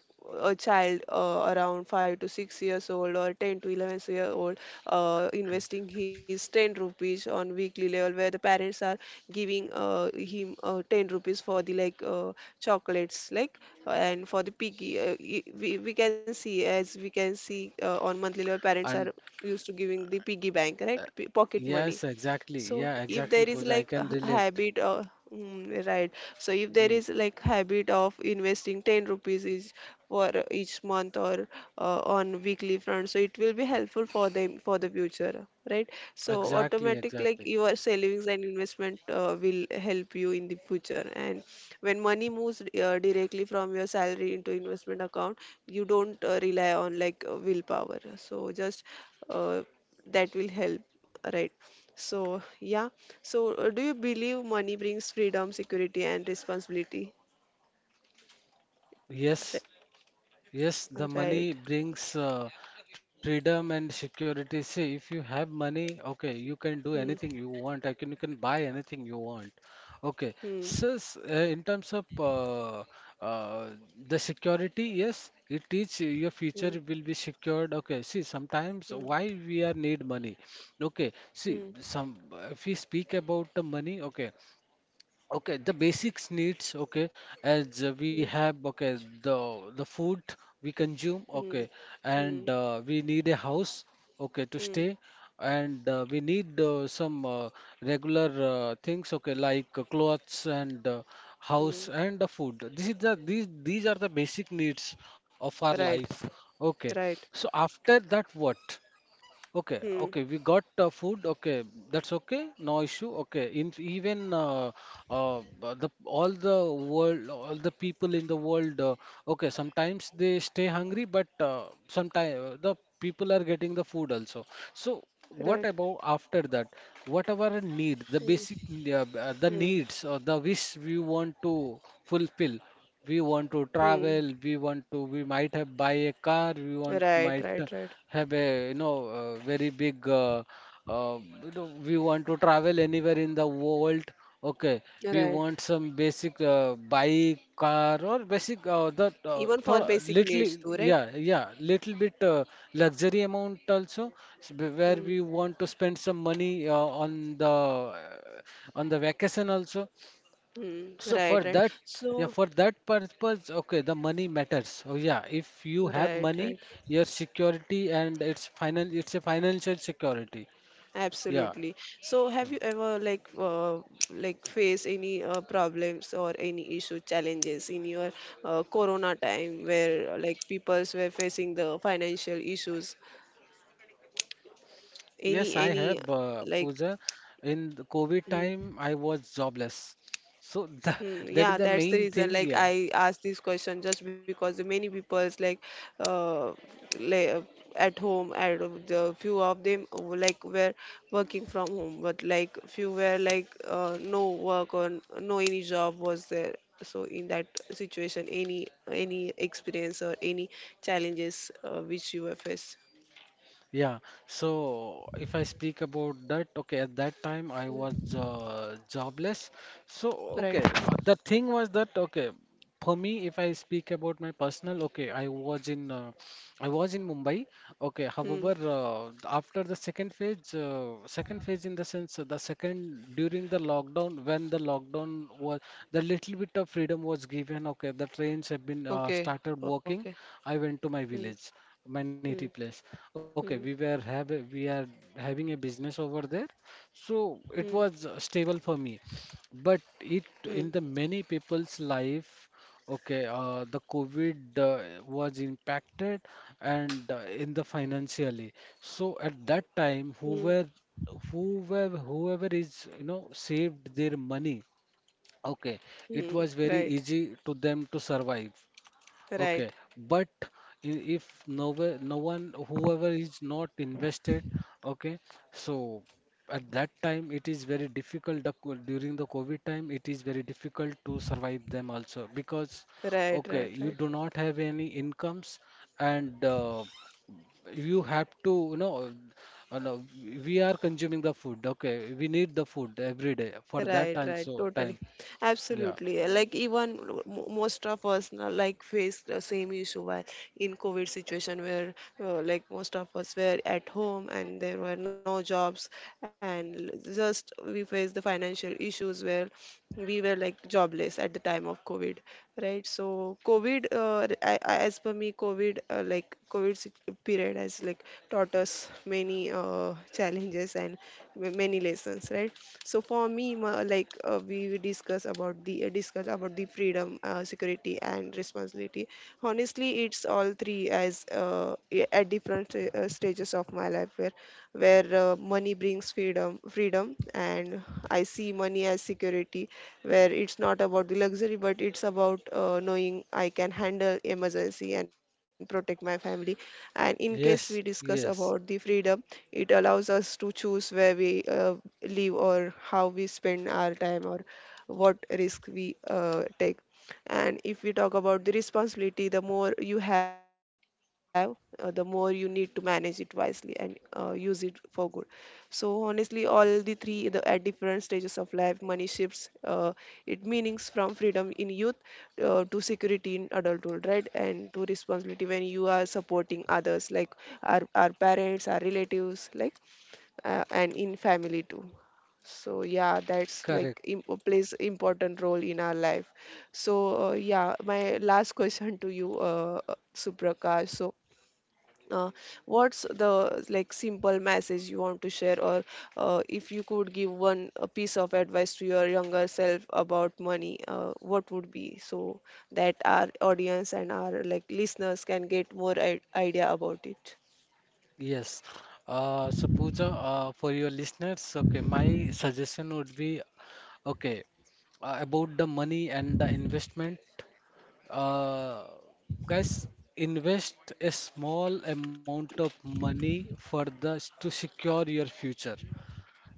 A: a child around 5 to 6 years old or 10 to 11 year old investing his 10 rupees on weekly level, where the parents are giving him 10 rupees for the chocolates, like and for the piggy we can see, as we can see on monthly level, parents are
B: And
A: used to giving the piggy bank, right? Pocket money.
B: yes, exactly.
A: So
B: Yeah,
A: if
B: exactly,
A: there is
B: Pooja. I
A: like
B: can
A: a
B: relate.
A: habit mm, right. So if there
B: Yeah.
A: is like habit of investing 10 rupees each for each month or on weekly front, so it will be helpful for them for the future, right? So
B: Exactly,
A: automatic, like
B: exactly.
A: your savings and investment will help you in the future. And when money moves directly from your salary into investment account, you don't rely on willpower, so just uh, that will help, right? So, yeah. So, do you believe money brings freedom, security, and responsibility?
B: Yes,
A: Ri-
B: Yes, the money
A: Right.
B: brings freedom and security. See, if you have money, okay, you can do
A: Hmm.
B: anything you want. You can buy anything you want. Okay.
A: Hmm.
B: So, in terms of uh, the security, yes, it is your
A: Hmm.
B: future will be secured. Okay. See, sometimes
A: Hmm.
B: why we are need money. Okay.
A: Hmm.
B: See, some if we speak about the money, okay. Okay, the basics needs, okay, as we
A: Hmm.
B: have, okay, the the food we consume,
A: Hmm.
B: okay, and
A: Hmm.
B: we need a house, okay, to
A: Hmm.
B: stay, and we need some regular things, okay, like clothes and
A: Hmm.
B: house and food. This is these are the basic needs of our
A: Right.
B: life, okay.
A: Right.
B: So after that, what? Okay,
A: Hmm.
B: okay, we got food. Okay, that's okay, no issue. Okay, in even the all the world, all the people in the world. Okay, sometimes they stay hungry, but sometimes the people are getting the food also. So
A: Right.
B: what about after that? Whatever need, the
A: Hmm.
B: basic
A: Hmm.
B: the needs or the wish we want to fulfill, we want to
A: Hmm.
B: travel, we want to, we might have buy a car, we want
A: Right. Right.
B: might
A: Right.
B: have a, you know, very big uh, you know, we want to travel anywhere in the world, okay, we
A: Right.
B: want some basic bike car or basic the
A: Even
B: thoda,
A: for basic
B: little,
A: needs too, right?
B: yeah, yeah, little bit luxury amount also, s- where
A: Hmm.
B: we want to spend some money on the on the vacation also.
A: Hmm.
B: So for
A: Right. Right.
B: that, yeah,
A: So,
B: for that purpose, okay, the money matters. Oh yeah, if you have
A: right.
B: money,
A: Right.
B: your security and it's final, it's a financial security. Yeah,
A: Absolutely. So, have you ever like face any problems or any issue challenges in your corona time where like peoples were facing the financial issues?
B: yes, I have,
A: Any like
B: Pooja. In the COVID
A: mhm.
B: time, I was jobless. So that,
A: Hmm,
B: that is
A: yeah,
B: the
A: that's the
B: main
A: reason.
B: thing.
A: Like
B: Yeah,
A: I asked this question just because many people's uh, like at home, and the few of them like were working from home, but like few were like no work or no any job was there. So in that situation, any experience or any challenges which you were faced.
B: yeah, so if I speak about that, okay, at that time I was
A: Hmm,
B: jobless. So,
A: right.
B: okay, the thing was that, okay, for me, if I speak about my personal, okay, I was in Mumbai. Okay, however,
A: Hmm.
B: after the second phase in the sense, the second during the lockdown, when the lockdown was, the little bit of freedom was given. Okay, the trains have been
A: Okay.
B: started working.
A: Okay.
B: I went to my
A: Hmm.
B: village. Manity
A: Hmm.
B: place. Okay, we
A: Hmm.
B: were have we are having a business over there, so
A: Hmm.
B: it was stable for me. But it
A: Hmm.
B: in the many people's life, okay, the COVID was impacted and in the financially. So at that time,
A: Hmm.
B: whoever is, you know, saved their money, okay,
A: Mm,
B: it was very
A: right,
B: easy to them to survive. Okay,
A: right,
B: if no way, no one, whoever is not invested, okay, so at that time it is very difficult. During the COVID time, it is very difficult to survive them also because,
A: right,
B: okay,
A: right,
B: you
A: right,
B: do not have any incomes and you have to, you know, no, we are consuming the food. Okay, we need the food every day for that
A: right,
B: time.
A: right,
B: So
A: totally,
B: time, yeah,
A: absolutely. Like even most of us now, like faced the same issue while in COVID situation, where like most of us were at home and there were no jobs, and just we faced the financial issues, where we were like jobless at the time of COVID, right? So COVID as per me, COVID period has like taught us many challenges and many lessons, right? So for me, like we discuss about the freedom, security and responsibility. Honestly, it's all three. As at different stages of my life, where money brings freedom, and I see money as security, where it's not about the luxury, but it's about knowing I can handle emergency and protect my family. And in case
B: yes,
A: we discuss
B: yes,
A: about the freedom, it allows us to choose where we uh, live, or how we spend our time, or what risk we take. And if we talk about the responsibility, the more you have, the more you need to manage it wisely and use it for good. So honestly, all the three the, at different stages of life, money shifts it meanings from freedom in youth to security in adulthood, right? And to responsibility when you are supporting others, like our parents, our relatives, like and in family too. So yeah, that's
B: correct.
A: like plays important role in our life. So yeah, my last question to you, Suprakash. So uh, what's the like simple message you want to share, or if you could give one a piece of advice to your younger self about money, what would be? So that our audience and our like listeners can get more idea about it.
B: Yes. So Pooja, for your listeners, okay, my suggestion would be, okay, about the money and the investment. Uh, Guys, invest a small amount of money for the to secure your future.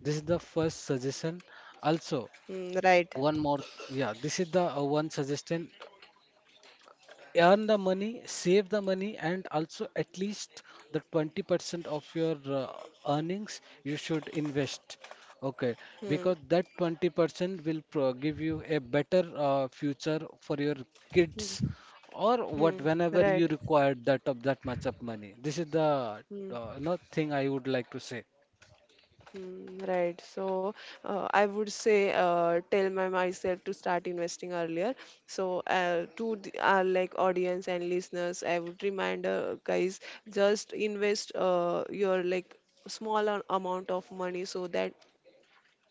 B: This is the first suggestion. Also,
A: Hmm, right.
B: one more, yeah, this is the one suggestion. Earn the money, save the money, and also at least the 20% of your earnings you should invest. Okay,
A: Hmm.
B: because that 20% will pro give you a better future for your kids or
A: Hmm,
B: what whenever you
A: right.
B: require that of that much of money. This is the
A: Hmm,
B: you thing I would like to say.
A: hmm, right. So I would say tell my myself to start investing earlier. So to the, our like audience and listeners, I would remind guys, just invest your like small amount of money, so that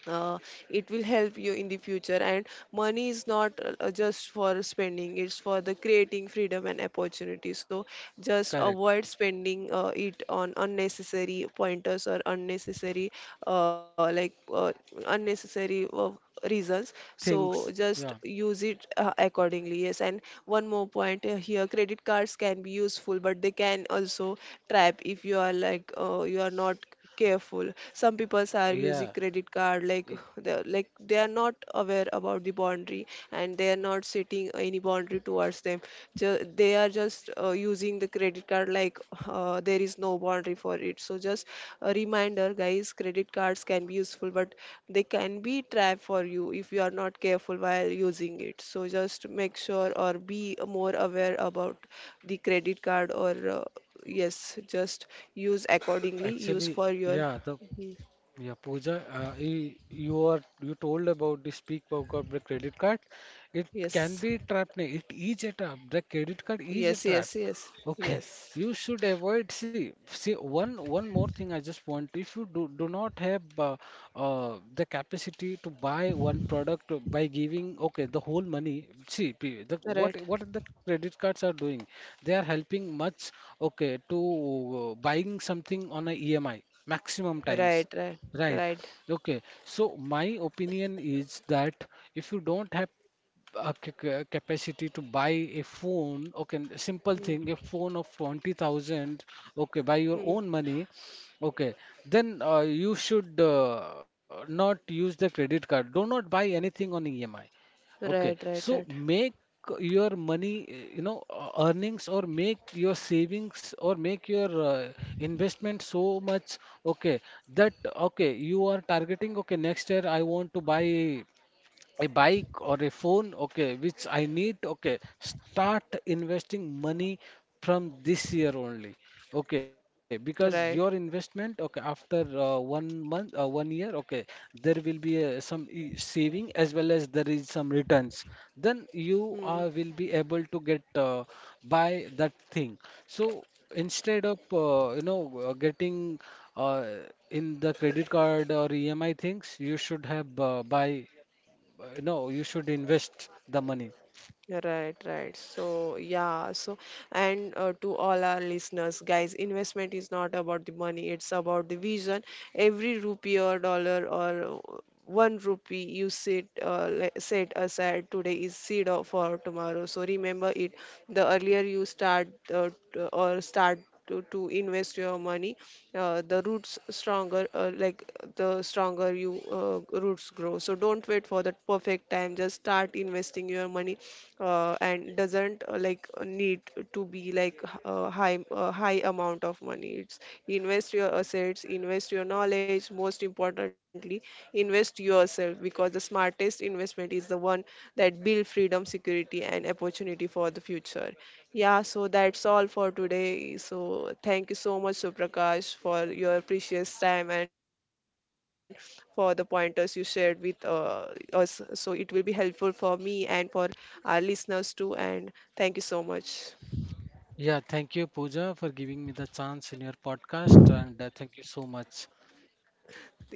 A: uh, it will help you in the future. And money is not just for spending, it's for the creating freedom and opportunity. So just avoid
B: Correct.
A: spending it on unnecessary pointers or unnecessary uh, like uh, unnecessary reasons,
B: Things.
A: so
B: Yeah.
A: just use it accordingly. Yes, and one more point here. Credit cards can be useful, but they can also trap if you are like you are not careful. Some people are
B: Yeah.
A: using credit card like,
B: i-
A: they like, they are not aware about the boundary, and they are not setting any boundary towards them. They are just using the credit card like there is no boundary for it. So just a reminder, guys, credit cards can be useful, but they can be trap for you if you are not careful while using it. So just make sure or be more aware about the credit card or yes, just use accordingly, use
B: Actually,
A: for your
B: yeah, the yeah, Pooja, you are you told about the speak about of the credit card. It can
A: yes,
B: be a trap. Nahi, it is a trap. The credit card is a
A: yes,
B: trap.
A: yes, yes,
B: Okay,
A: yes,
B: you should avoid. See, see one more thing. I just want. If you do not have the capacity to buy one product by giving okay the whole money. See, pe- the what
A: right,
B: what the credit cards are doing. They are helping much. Okay, to buying something on a EMI maximum times.
A: right, right,
B: Right.
A: right.
B: Okay. So my opinion is that if you don't have a capacity to buy a phone, okay, simple thing, a
A: Hmm.
B: phone of 20,000, okay, by your
A: Hmm.
B: own money, okay, then you should not use the credit card. Do not buy anything on EMI. Okay,
A: Right,
B: so
A: right, right,
B: make your money, you know, earnings or make your savings or make your investment so much, okay, that, okay, you are targeting, okay, next year I want to buy a bike or a phone, okay, which I need. Okay, start investing money from this year only, okay, because your
A: right.
B: investment, okay, after 1 month, 1 year, okay, there will be some saving as well as there is some returns, then you
A: Hmm.
B: will be able to get buy that thing. So instead of you know, getting uh, in the credit card or EMI things, you should have buy no, you should invest the money.
A: Right, right. So, yeah. So, and to all our listeners, guys, investment is not about the money, it's about the vision. Every rupee or dollar or one rupee you set, set aside today is for tomorrow. So, remember it. The earlier you start t- or start to invest your money, the roots stronger, like the stronger you roots grow. So, don't wait for that perfect time, just start investing your money, and doesn't need to be like high amount of money. It's invest your assets, invest your knowledge, most importantly invest yourself, because the smartest investment is the one that build freedom, security, and opportunity for the future. Yeah, so that's all for today. So thank you so much, Suprakash, for your precious time and for the pointers you shared with us, so it will be helpful for me and for our listeners too. And thank you so much.
B: Yeah, thank you, Pooja, for giving me the chance in your podcast, and thank you so much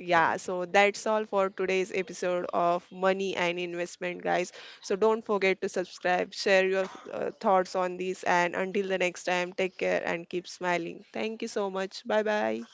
A: Yeah,
B: for it.
A: so that's all for today's episode of Money and Investment, guys. So don't forget to subscribe, share your thoughts on this, and until the next time, take care and keep smiling. Thank you so much. Bye bye.